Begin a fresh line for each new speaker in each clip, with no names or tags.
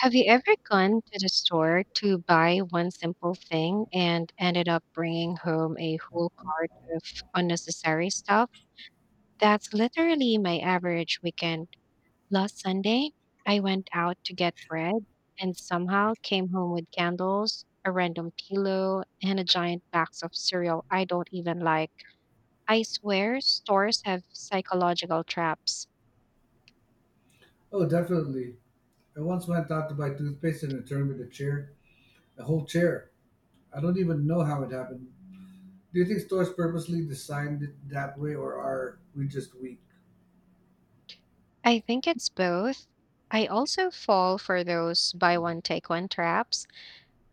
Have you ever gone to the store to buy one simple thing and ended up bringing home a whole cart of unnecessary stuff? That's literally my average weekend. Last Sunday, I went out to get bread and somehow came home with candles, a random pillow, and a giant box of cereal I don't even like. I swear stores have psychological traps.
Oh, definitely. I once went out to buy toothpaste and returned with a chair, a whole chair. I don't even know how it happened. Do you think stores purposely designed it that way, or are we just weak?
I think it's both. I also fall for those buy one, take one traps.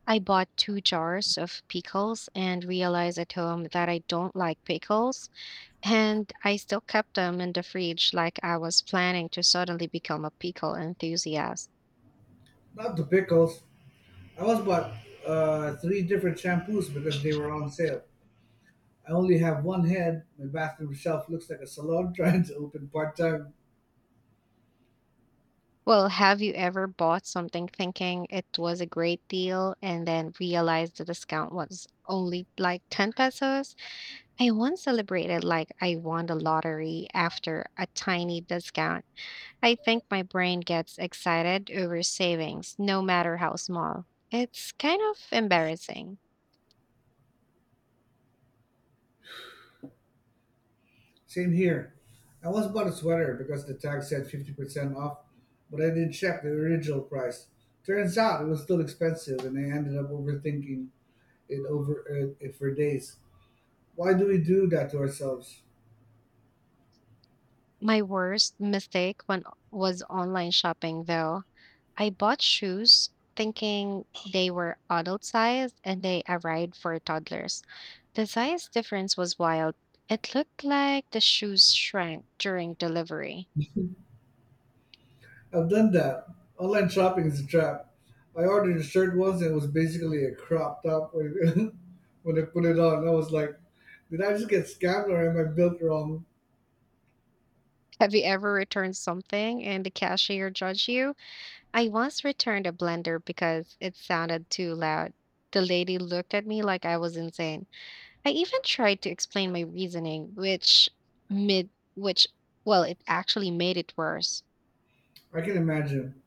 I bought two jars of pickles and realized at home that I don't like pickles, and I still kept them in the fridge like I was planning to suddenly become a pickle enthusiast.
Not the pickles. I once bought three different shampoos because they were on sale. I only have one head. My bathroom shelf looks like a salon trying to open part time.
Well, have you ever bought something thinking it was a great deal and then realized the discount was only like 10 pesos? I once celebrated like I won the lottery after a tiny discount. I think my brain gets excited over savings, no matter how small. It's kind of embarrassing.
Same here. I once bought a sweater because the tag said 50% off, but I didn't check the original price. Turns out it was still expensive, and I ended up overthinking it for days. Why do we do that to ourselves?
My worst mistake when was online shopping though. I bought shoes thinking they were adult size and they arrived for toddlers. The size difference was wild. It looked like the shoes shrank during delivery.
I've done that. Online shopping is a trap. I ordered a shirt once and it was basically a crop top when I put it on. I was like, did I just get scammed or am I built wrong?
Have you ever returned something and the cashier judged you? I once returned a blender because it sounded too loud. The lady looked at me like I was insane. I even tried to explain my reasoning, which well, it actually made it worse.
I can imagine.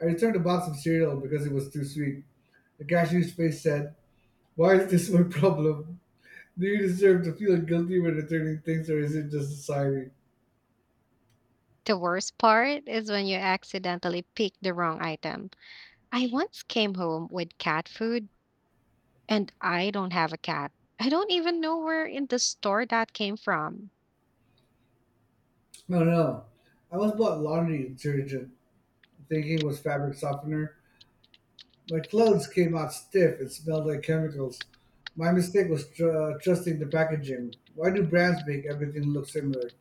I returned a box of cereal because it was too sweet. The cashier face said, why is this my problem? Do you deserve to feel guilty when returning things, or is it just society?
The worst part is when you accidentally pick the wrong item. I once came home with cat food and I don't have a cat. I don't even know where in the store that came from.
No, no. I once bought laundry detergent, thinking it was fabric softener. My clothes came out stiff and smelled like chemicals. My mistake was trusting the packaging. Why do brands make everything look similar?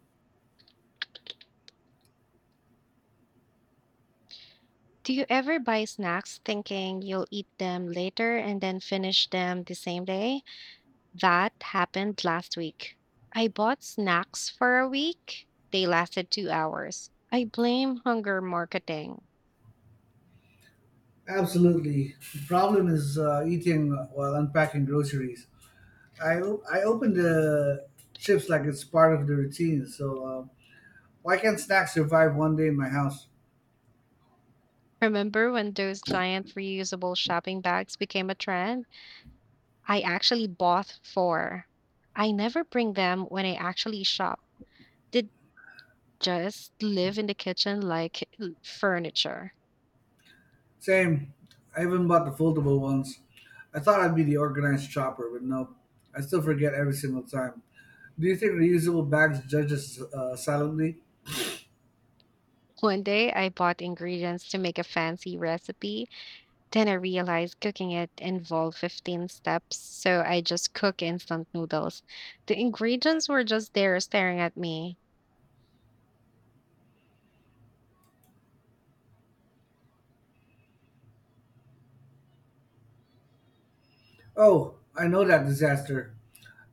Do you ever buy snacks thinking you'll eat them later and then finish them the same day? That happened last week. I bought snacks for a week. They lasted 2 hours. I blame hunger marketing.
Absolutely. The problem is eating while unpacking groceries. I open the chips like it's part of the routine, so why can't snacks survive one day in my house?
Remember when those giant reusable shopping bags became a trend? I actually bought four. I never bring them when I actually shop. They just live in the kitchen like furniture.
Same. I even bought the foldable ones. I thought I'd be the organized shopper, but nope. I still forget every single time. Do you think reusable bags judge us silently?
One day I bought ingredients to make a fancy recipe. Then I realized cooking it involved 15 steps, so I just cook instant noodles. The ingredients were just there staring at me.
Oh, I know that disaster.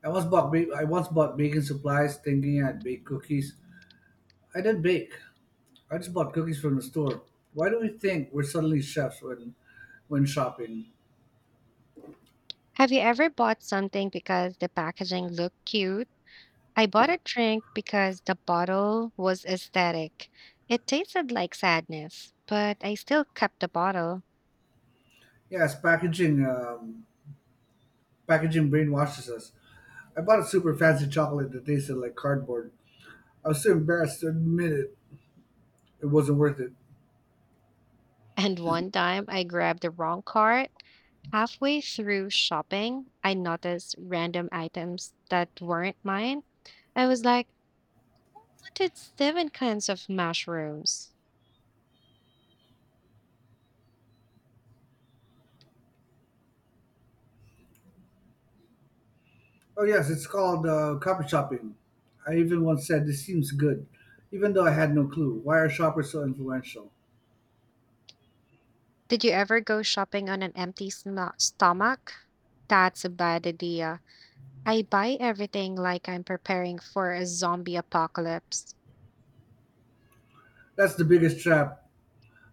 I once bought baking supplies, thinking I'd bake cookies. I didn't bake. I just bought cookies from the store. Why do we think we're suddenly chefs when shopping?
Have you ever bought something because the packaging looked cute? I bought a drink because the bottle was aesthetic. It tasted like sadness, but I still kept the bottle.
Yes, packaging brainwashes us. I bought a super fancy chocolate that tasted like cardboard. I was too embarrassed to admit it. It wasn't worth it.
And one time I grabbed the wrong cart. Halfway through shopping, I noticed random items that weren't mine. I was like, did seven kinds of mushrooms.
Oh yes, it's called copy shopping. I even once said this seems good, even though I had no clue. Why are shoppers so influential?
Did you ever go shopping on an empty stomach? That's a bad idea. I buy everything like I'm preparing for a zombie apocalypse.
That's the biggest trap.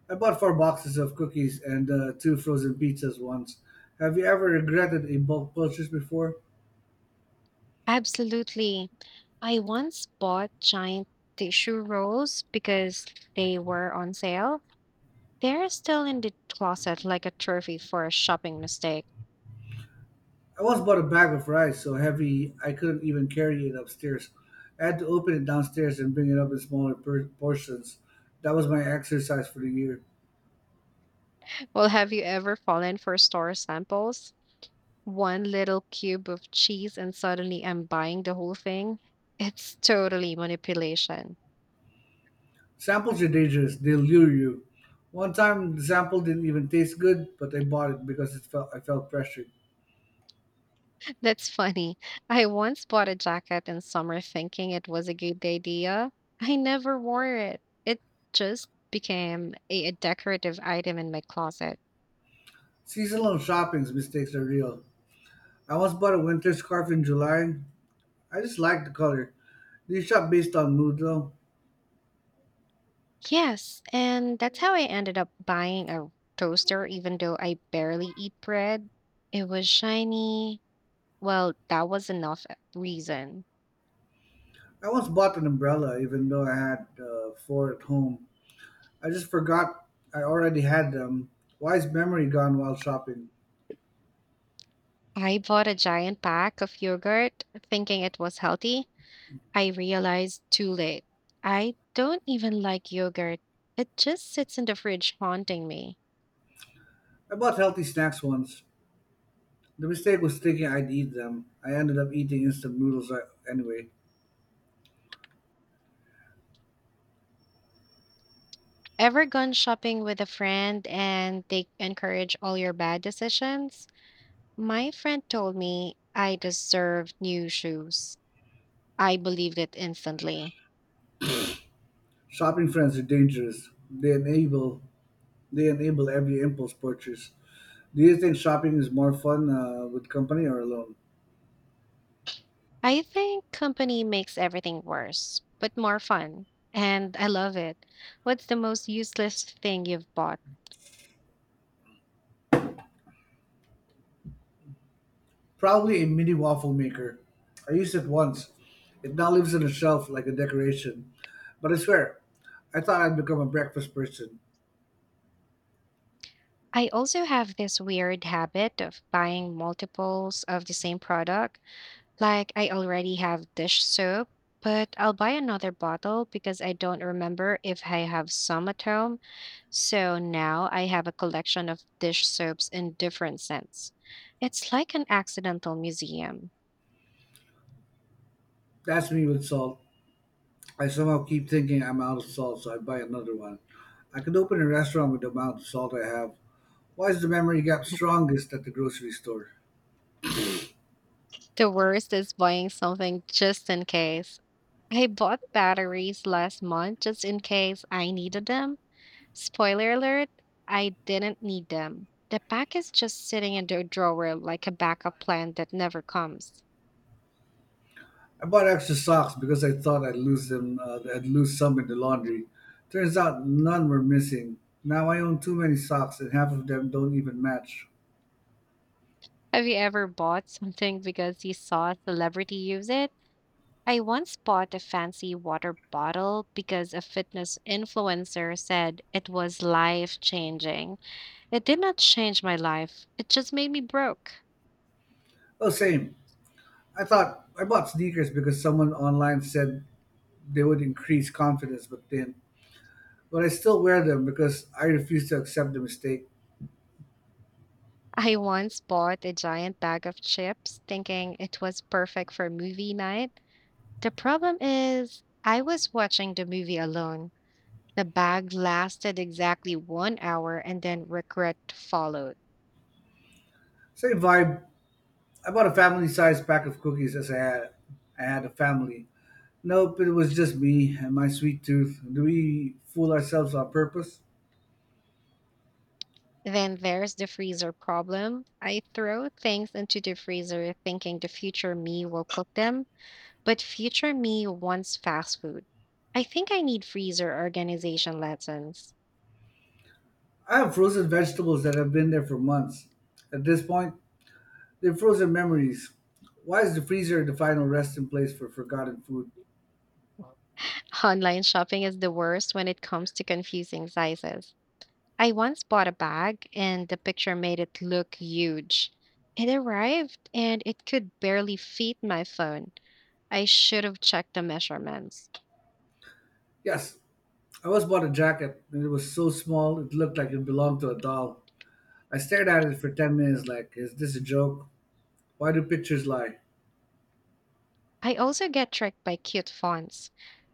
I bought four boxes of cookies and two frozen pizzas once. Have you ever regretted a bulk purchase before?
Absolutely. I once bought giant tissue rolls because they were on sale. They're still in the closet like a trophy for a shopping mistake.
I once bought a bag of rice so heavy I couldn't even carry it upstairs. I had to open it downstairs and bring it up in smaller portions. That was my exercise for the year.
Well, have you ever fallen for store samples? One little cube of cheese and suddenly I'm buying the whole thing. It's totally manipulation.
Samples are dangerous. They lure you. One time, the sample didn't even taste good, but I bought it because it felt I felt pressured.
That's funny. I once bought a jacket in summer thinking it was a good idea. I never wore it. It just became a decorative item in my closet.
Seasonal shopping's mistakes are real. I once bought a winter scarf in July. I just liked the color. Do you shop based on mood though?
Yes, and that's how I ended up buying a toaster, even though I barely eat bread. It was shiny. Well, that was enough reason.
I once bought an umbrella, even though I had four at home. I just forgot I already had them. Why is memory gone while shopping?
I bought a giant pack of yogurt thinking it was healthy. I realized too late. I don't even like yogurt. It just sits in the fridge haunting me.
I bought healthy snacks once. The mistake was thinking I'd eat them. I ended up eating instant noodles anyway.
Ever gone shopping with a friend and they encourage all your bad decisions? My friend told me I deserved new shoes. I believed it instantly.
Shopping friends are dangerous. They enable every impulse purchase. Do you think shopping is more fun with company or alone?
I think company makes everything worse, but more fun. And I love it. What's the most useless thing you've bought?
Probably a mini waffle maker. I used it once. It now lives on a shelf like a decoration. But I swear, I thought I'd become a breakfast person.
I also have this weird habit of buying multiples of the same product. Like, I already have dish soap, but I'll buy another bottle because I don't remember if I have some at home. So now I have a collection of dish soaps in different scents. It's like an accidental museum.
That's me with salt. I somehow keep thinking I'm out of salt, so I buy another one. I could open a restaurant with the amount of salt I have. Why is the memory gap strongest at the grocery store?
The worst is buying something just in case. I bought batteries last month just in case I needed them. Spoiler alert, I didn't need them. The pack is just sitting in the drawer like a backup plan that never comes.
I bought extra socks because I thought I'd lose them. I'd lose some in the laundry. Turns out none were missing. Now I own too many socks, and half of them don't even match.
Have you ever bought something because you saw a celebrity use it? I once bought a fancy water bottle because a fitness influencer said it was life changing. It did not change my life, it just made me broke.
Oh, same. I thought I bought sneakers because someone online said they would increase confidence, but I still wear them because I refuse to accept the mistake.
I once bought a giant bag of chips thinking it was perfect for movie night. The problem is, I was watching the movie alone. The bag lasted exactly 1 hour and then regret followed.
Same vibe. I bought a family-sized pack of cookies as I had a family. Nope, it was just me and my sweet tooth. Do we fool ourselves on purpose?
Then there's the freezer problem. I throw things into the freezer thinking the future me will cook them, but future me wants fast food. I think I need freezer organization lessons.
I have frozen vegetables that have been there for months. At this point, they're frozen memories. Why is the freezer the final resting place for forgotten food?
Online shopping is the worst when it comes to confusing sizes. I once bought a bag and the picture made it look huge. It arrived and it could barely fit my phone. I should have checked the measurements.
Yes, I once bought a jacket, and it was so small it looked like it belonged to a doll. I stared at it for 10 minutes, like, is this a joke? Why do pictures lie?
I also get tricked by cute fonts.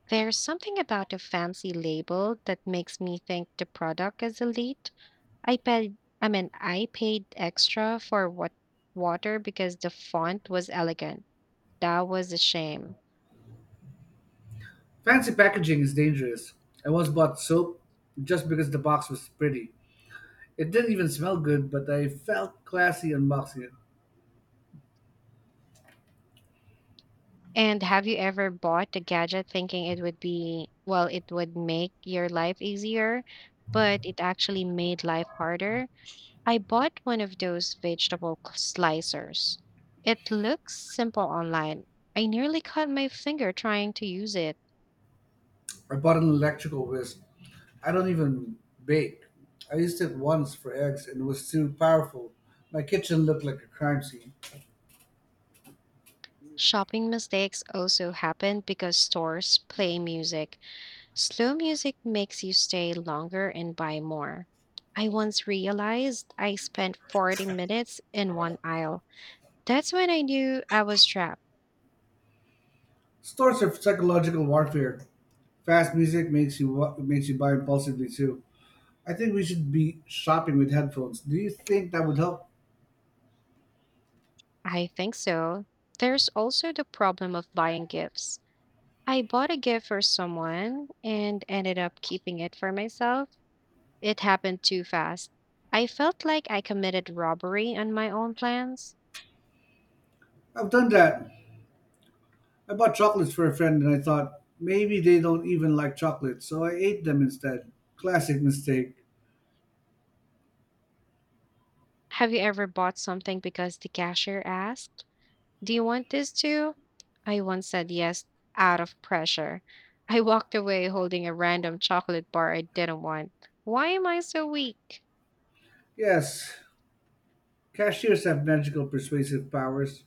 There's something about a fancy label that makes me think the product is elite. I paid extra for what water because the font was elegant. That was a shame.
Fancy packaging is dangerous. I once bought soap just because the box was pretty. It didn't even smell good, but I felt classy unboxing it.
And have you ever bought a gadget thinking it would be, well, it would make your life easier, but it actually made life harder? I bought one of those vegetable slicers. It looks simple online. I nearly cut my finger trying to use it.
I bought an electrical whisk. I don't even bake. I used it once for eggs and it was too powerful. My kitchen looked like a crime scene.
Shopping mistakes also happen because stores play music. Slow music makes you stay longer and buy more. I once realized I spent 40 minutes in one aisle. That's when I knew I was trapped.
Stores are psychological warfare. Fast music makes you buy impulsively too. I think we should be shopping with headphones. Do you think that would help?
I think so. There's also the problem of buying gifts. I bought a gift for someone and ended up keeping it for myself. It happened too fast. I felt like I committed robbery on my own plans.
I've done that. I bought chocolates for a friend and I thought maybe they don't even like chocolate, so I ate them instead. Classic mistake.
Have you ever bought something because the cashier asked, do you want this too? I once said yes out of pressure. I walked away holding a random chocolate bar I didn't want. Why am I so weak?
Yes, cashiers have magical persuasive powers.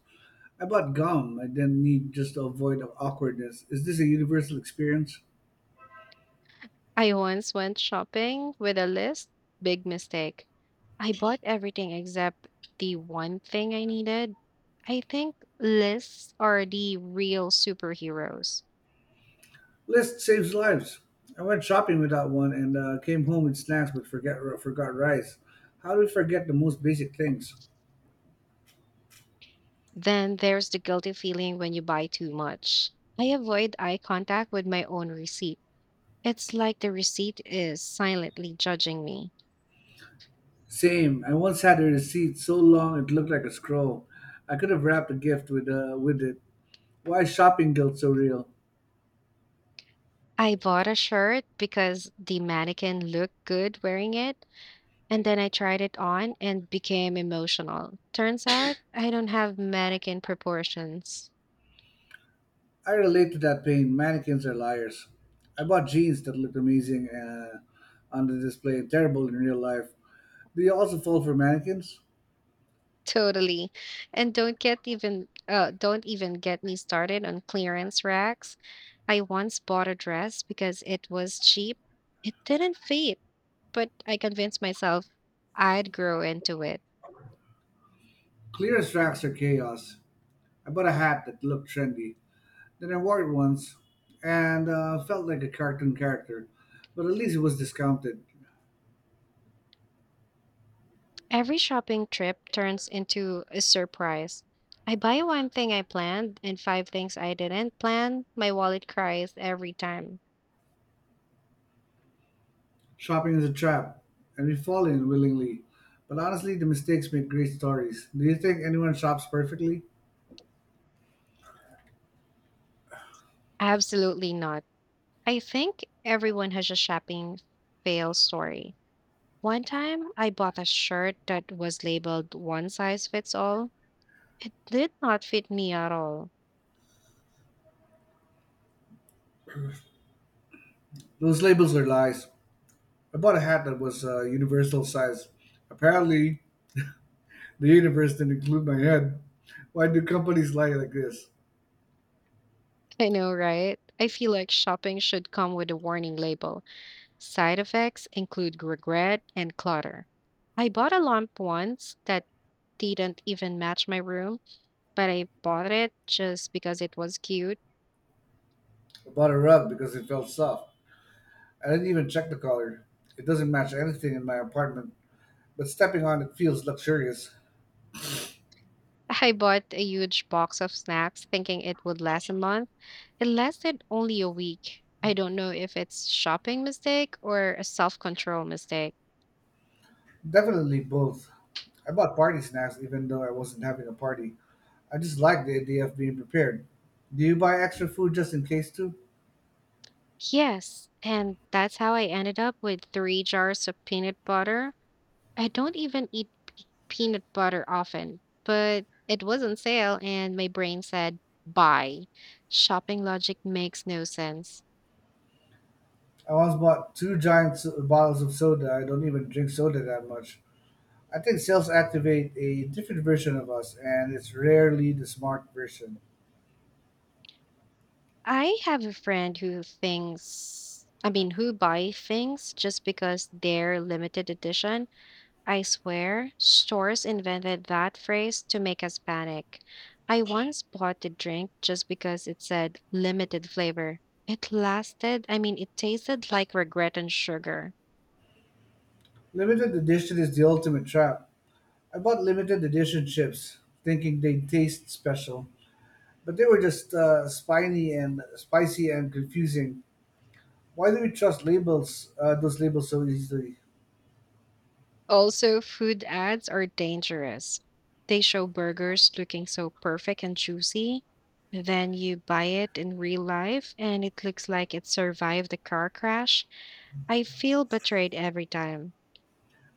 I bought gum I didn't need just to avoid the awkwardness. Is this a universal experience?
I once went shopping with a list. Big mistake. I bought everything except the one thing I needed. I think lists are the real superheroes.
List saves lives. I went shopping without one and came home with snacks but forgot rice. How do we forget the most basic things?
Then there's the guilty feeling when you buy too much. I avoid eye contact with my own receipt. It's like the receipt is silently judging me.
Same. I once had a receipt so long it looked like a scroll. I could have wrapped a gift with it. Why is shopping guilt so real?
I bought a shirt because the mannequin looked good wearing it. And then I tried it on and became emotional. Turns out I don't have mannequin proportions.
I relate to that pain. Mannequins are liars. I bought jeans that looked amazing on the display and terrible in real life. Do you also fall for mannequins?
Totally. And don't even get me started on clearance racks. I once bought a dress because it was cheap. It didn't fit, but I convinced myself I'd grow into it.
Clear as tracks are chaos. I bought a hat that looked trendy. Then I wore it once and felt like a cartoon character. But at least it was discounted.
Every shopping trip turns into a surprise. I buy one thing I planned and five things I didn't plan. My wallet cries every time.
Shopping is a trap, and we fall in willingly. But honestly, the mistakes make great stories. Do you think anyone shops perfectly?
Absolutely not. I think everyone has a shopping fail story. One time, I bought a shirt that was labeled one size fits all. It did not fit me at all.
Those labels are lies. I bought a hat that was universal size. Apparently, the universe didn't include my head. Why do companies lie like this?
I know, right? I feel like shopping should come with a warning label. Side effects include regret and clutter. I bought a lamp once that didn't even match my room, but I bought it just because it was cute.
I bought a rug because it felt soft. I didn't even check the color. It doesn't match anything in my apartment, but stepping on it feels luxurious.
I bought a huge box of snacks thinking it would last a month. It lasted only a week. I don't know if it's shopping mistake or a self-control mistake.
Definitely both. I bought party snacks even though I wasn't having a party. I just like the idea of being prepared. Do you buy extra food just in case too?
Yes, and that's how I ended up with three jars of peanut butter. I don't even eat peanut butter often, but it was on sale and my brain said, "Buy." Shopping logic makes no sense.
I once bought two giant bottles of soda. I don't even drink soda that much. I think sales activate a different version of us, and it's rarely the smart version.
I have a friend who thinks, I mean, who buy things just because they're limited edition. I swear, stores invented that phrase to make us panic. I once bought a drink just because it said limited flavor. It lasted, I mean, it tasted like regret and sugar.
Limited edition is the ultimate trap. I bought limited edition chips, thinking they'd taste special, but they were just spiny and spicy and confusing. Why do we trust labels? Those labels so easily?
Also, food ads are dangerous. They show burgers looking so perfect and juicy. Then you buy it in real life and it looks like it survived the car crash. I feel betrayed every time.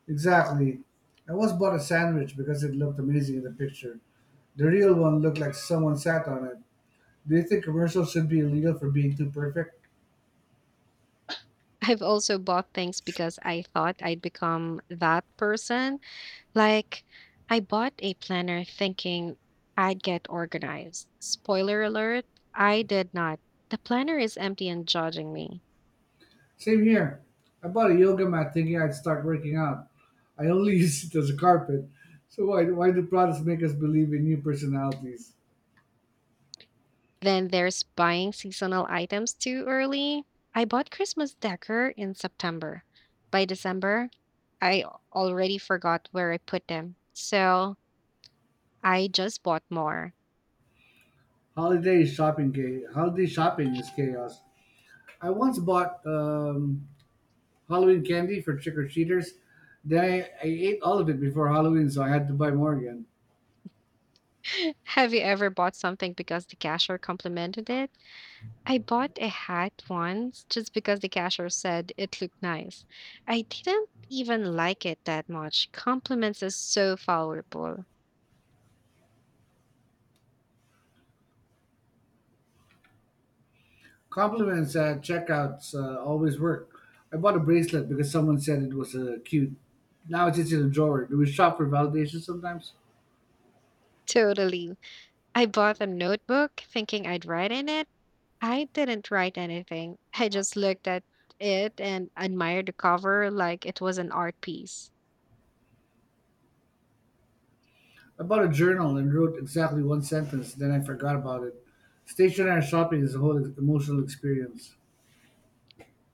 Exactly. I once bought a sandwich because it looked amazing in the picture. The real one looked like someone sat on it. Do you think commercials should be illegal for being too perfect?
I've also bought things because I thought I'd become that person. Like, I bought a planner thinking I'd get organized. Spoiler alert, I did not. The planner is empty and judging me.
Same here. I bought a yoga mat thinking I'd start working out. I only use it as a carpet. So why do products make us believe in new personalities?
Then there's buying seasonal items too early. I bought Christmas decor in September. By December, I already forgot where I put them. So I just bought more.
Holiday shopping is chaos. I once bought Halloween candy for trick or treaters. Then I ate all of it before Halloween, so I had to buy more again.
Have you ever bought something because the cashier complimented it? I bought a hat once just because the cashier said it looked nice. I didn't even like it that much. Compliments are so valuable.
Compliments at checkouts always work. I bought a bracelet because someone said it was cute. Now it's just in a drawer. Do we shop for validation sometimes?
Totally. I bought a notebook thinking I'd write in it. I didn't write anything. I just looked at it and admired the cover like it was an art piece.
I bought a journal and wrote exactly one sentence, then I forgot about it. Stationary shopping is a whole emotional experience.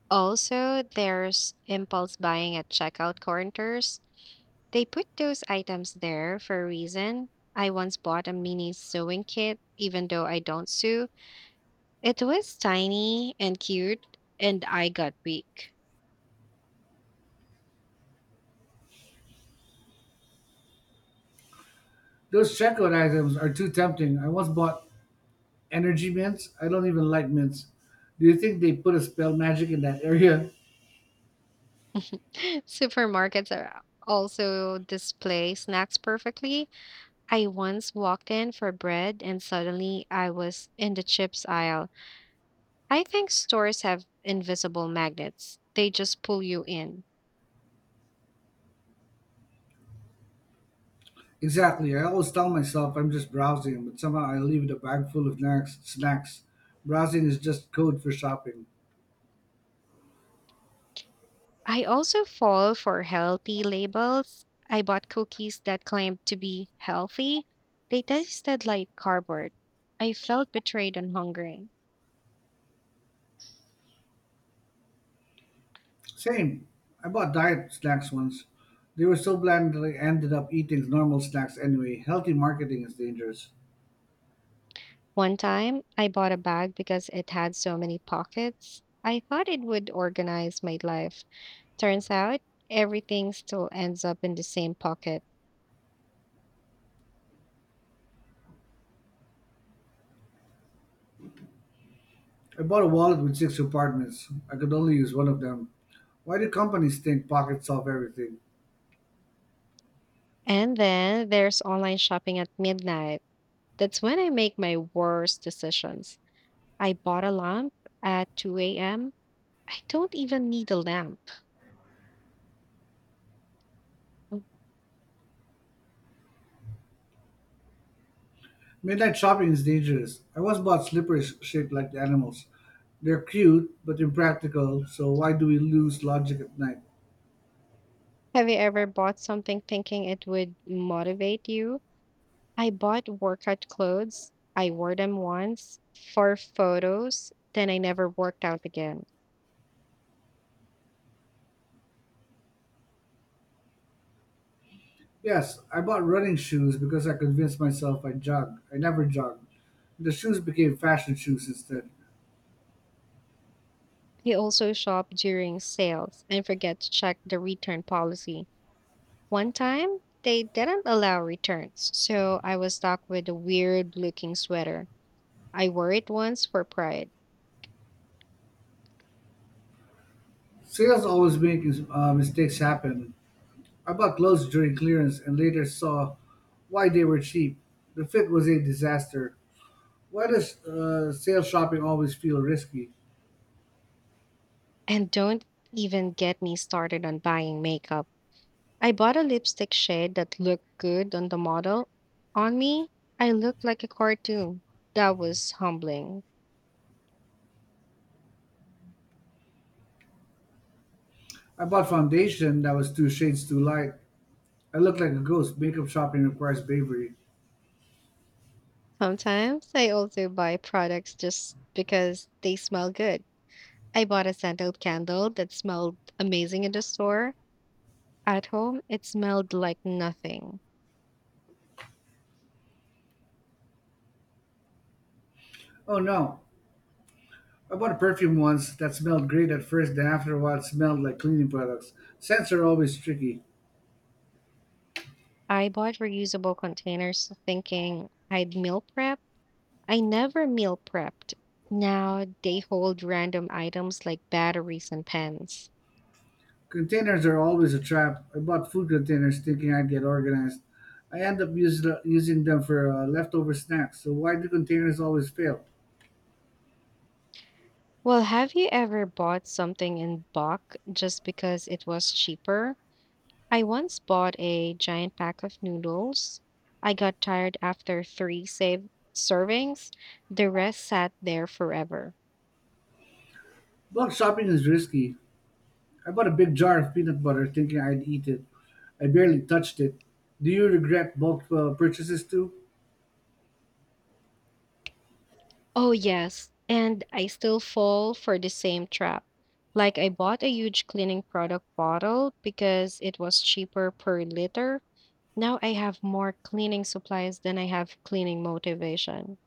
Also, there's impulse buying at checkout counters. They put those items there for a reason. I once bought a mini sewing kit, even though I don't sew. It was tiny and cute, and I got weak.
Those checkout items are too tempting. I once bought energy mints? I don't even like mints. Do you think they put a spell magic in that area?
Supermarkets are also display snacks perfectly. I once walked in for bread and suddenly I was in the chips aisle. I think stores have invisible magnets, they just pull you in.
Exactly. I always tell myself I'm just browsing, but somehow I leave with a bag full of snacks. Snacks. Browsing is just code for shopping.
I also fall for healthy labels. I bought cookies that claimed to be healthy. They tasted like cardboard. I felt betrayed and hungry.
Same. I bought diet snacks once. They were so bland that I ended up eating normal snacks anyway. Healthy marketing is dangerous.
One time, I bought a bag because it had so many pockets. I thought it would organize my life. Turns out, everything still ends up in the same pocket.
I bought a wallet with six compartments. I could only use one of them. Why do companies think pockets solve everything?
And then there's online shopping at midnight. That's when I make my worst decisions. I bought a lamp at 2 a.m. I don't even need a lamp.
Midnight shopping is dangerous. I once bought slippers shaped like the animals. They're cute, but impractical, so why do we lose logic at night?
Have you ever bought something thinking it would motivate you? I bought workout clothes. I wore them once for photos, then I never worked out again.
Yes, I bought running shoes because I convinced myself I jog. I never jogged. The shoes became fashion shoes instead.
I also shop during sales and forget to check the return policy. One time, they didn't allow returns, so I was stuck with a weird looking sweater. I wore it once for pride.
Sales always make mistakes happen. I bought clothes during clearance and later saw why they were cheap. The fit was a disaster. Why does sale shopping always feel risky?
And don't even get me started on buying makeup. I bought a lipstick shade that looked good on the model. On me, I looked like a cartoon. That was humbling.
I bought foundation that was two shades too light. I look like a ghost. Makeup shopping requires bravery.
Sometimes I also buy products just because they smell good. I bought a scented candle that smelled amazing in the store. At home, it smelled like nothing.
Oh no! I bought a perfume once that smelled great at first, then after a while it smelled like cleaning products. Scents are always tricky.
I bought reusable containers thinking I'd meal prep. I never meal prepped. Now they hold random items like batteries and pens.
Containers are always a trap. I bought food containers thinking I'd get organized. I end up using them for leftover snacks, so why do containers always fail?
Well, have you ever bought something in bulk just because it was cheaper? I once bought a giant pack of noodles. I got tired after three save servings. The rest sat there forever.
Bulk shopping is risky. I bought a big jar of peanut butter thinking I'd eat it. I barely touched it. Do you regret bulk purchases too?
Oh, yes. And I still fall for the same trap. Like, I bought a huge cleaning product bottle because it was cheaper per liter. Now I have more cleaning supplies than I have cleaning motivation.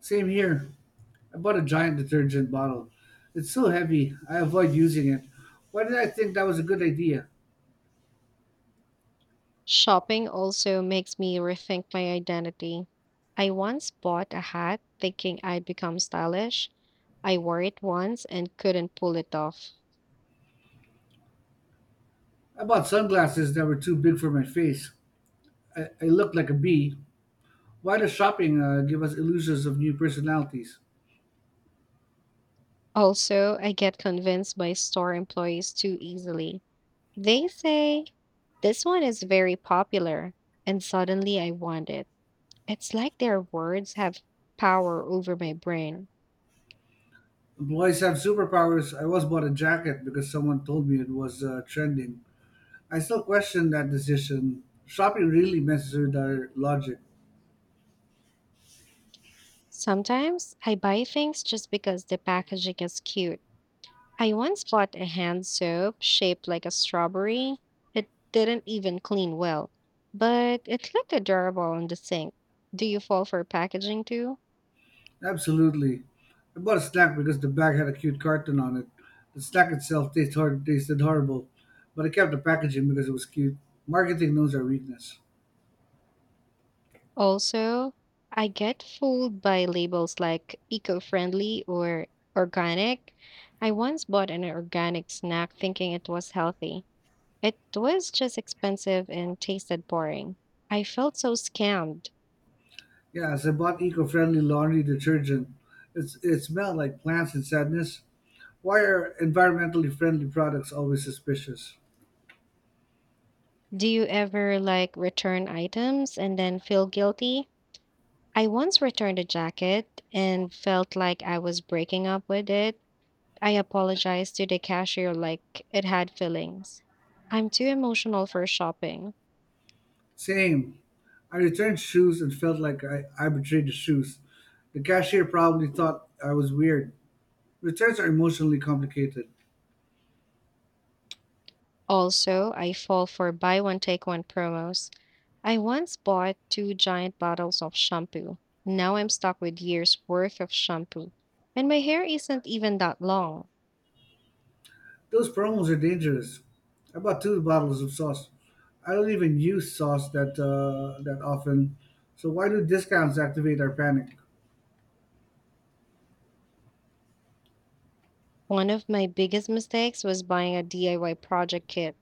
Same here. I bought a giant detergent bottle. It's so heavy, I avoid using it. Why did I think that was a good idea?
Shopping also makes me rethink my identity. I once bought a hat thinking I'd become stylish. I wore it once and couldn't pull it off.
I bought sunglasses that were too big for my face. I looked like a bee. Why does shopping give us illusions of new personalities?
Also, I get convinced by store employees too easily. They say, "This one is very popular." And suddenly I want it. It's like their words have power over my brain.
Employees have superpowers. I once bought a jacket because someone told me it was trending. I still question that decision. Shopping really messes with our logic.
Sometimes I buy things just because the packaging is cute. I once bought a hand soap shaped like a strawberry. It didn't even clean well, but it looked adorable on the sink. Do you fall for packaging too?
Absolutely. I bought a snack because the bag had a cute cartoon on it. The snack itself tasted horrible, but I kept the packaging because it was cute. Marketing knows our weakness.
Also, I get fooled by labels like eco friendly or organic. I once bought an organic snack thinking it was healthy. It was just expensive and tasted boring. I felt so scammed.
Yes, I bought eco-friendly laundry detergent. It smelled like plants and sadness. Why are environmentally friendly products always suspicious?
Do you ever like return items and then feel guilty? I once returned a jacket and felt like I was breaking up with it. I apologized to the cashier like it had feelings. I'm too emotional for shopping.
Same. I returned shoes and felt like I betrayed the shoes. The cashier probably thought I was weird. Returns are emotionally complicated.
Also, I fall for buy one take one promos. I once bought two giant bottles of shampoo. Now I'm stuck with years worth of shampoo. And my hair isn't even that long.
Those promos are dangerous. I bought two bottles of sauce. I don't even use sauce that often, so why do discounts activate our panic?
One of my biggest mistakes was buying a DIY project kit.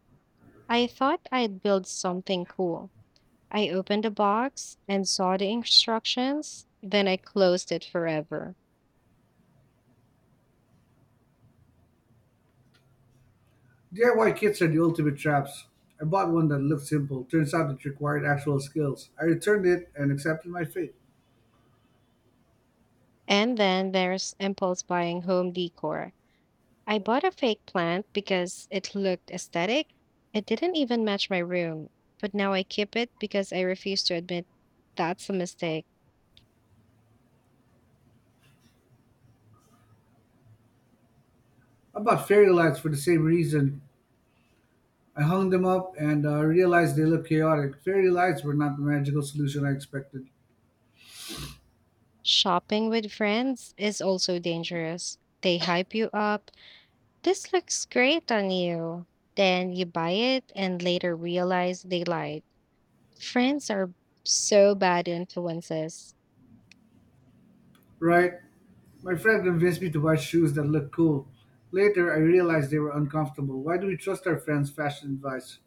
I thought I'd build something cool. I opened the box and saw the instructions, then I closed it forever.
DIY kits are the ultimate traps. I bought one that looked simple. Turns out it required actual skills. I returned it and accepted my fate.
And then there's impulse buying home decor. I bought a fake plant because it looked aesthetic. It didn't even match my room, but now I keep it because I refuse to admit that's a mistake.
I bought fairy lights for the same reason. I hung them up and realized they looked chaotic. Fairy lights were not the magical solution I expected.
Shopping with friends is also dangerous. They hype you up. This looks great on you. Then you buy it and later realize they lied. Friends are so bad influences.
Right? My friend convinced me to buy shoes that look cool. Later, I realized they were uncomfortable. Why do we trust our friends' fashion advice?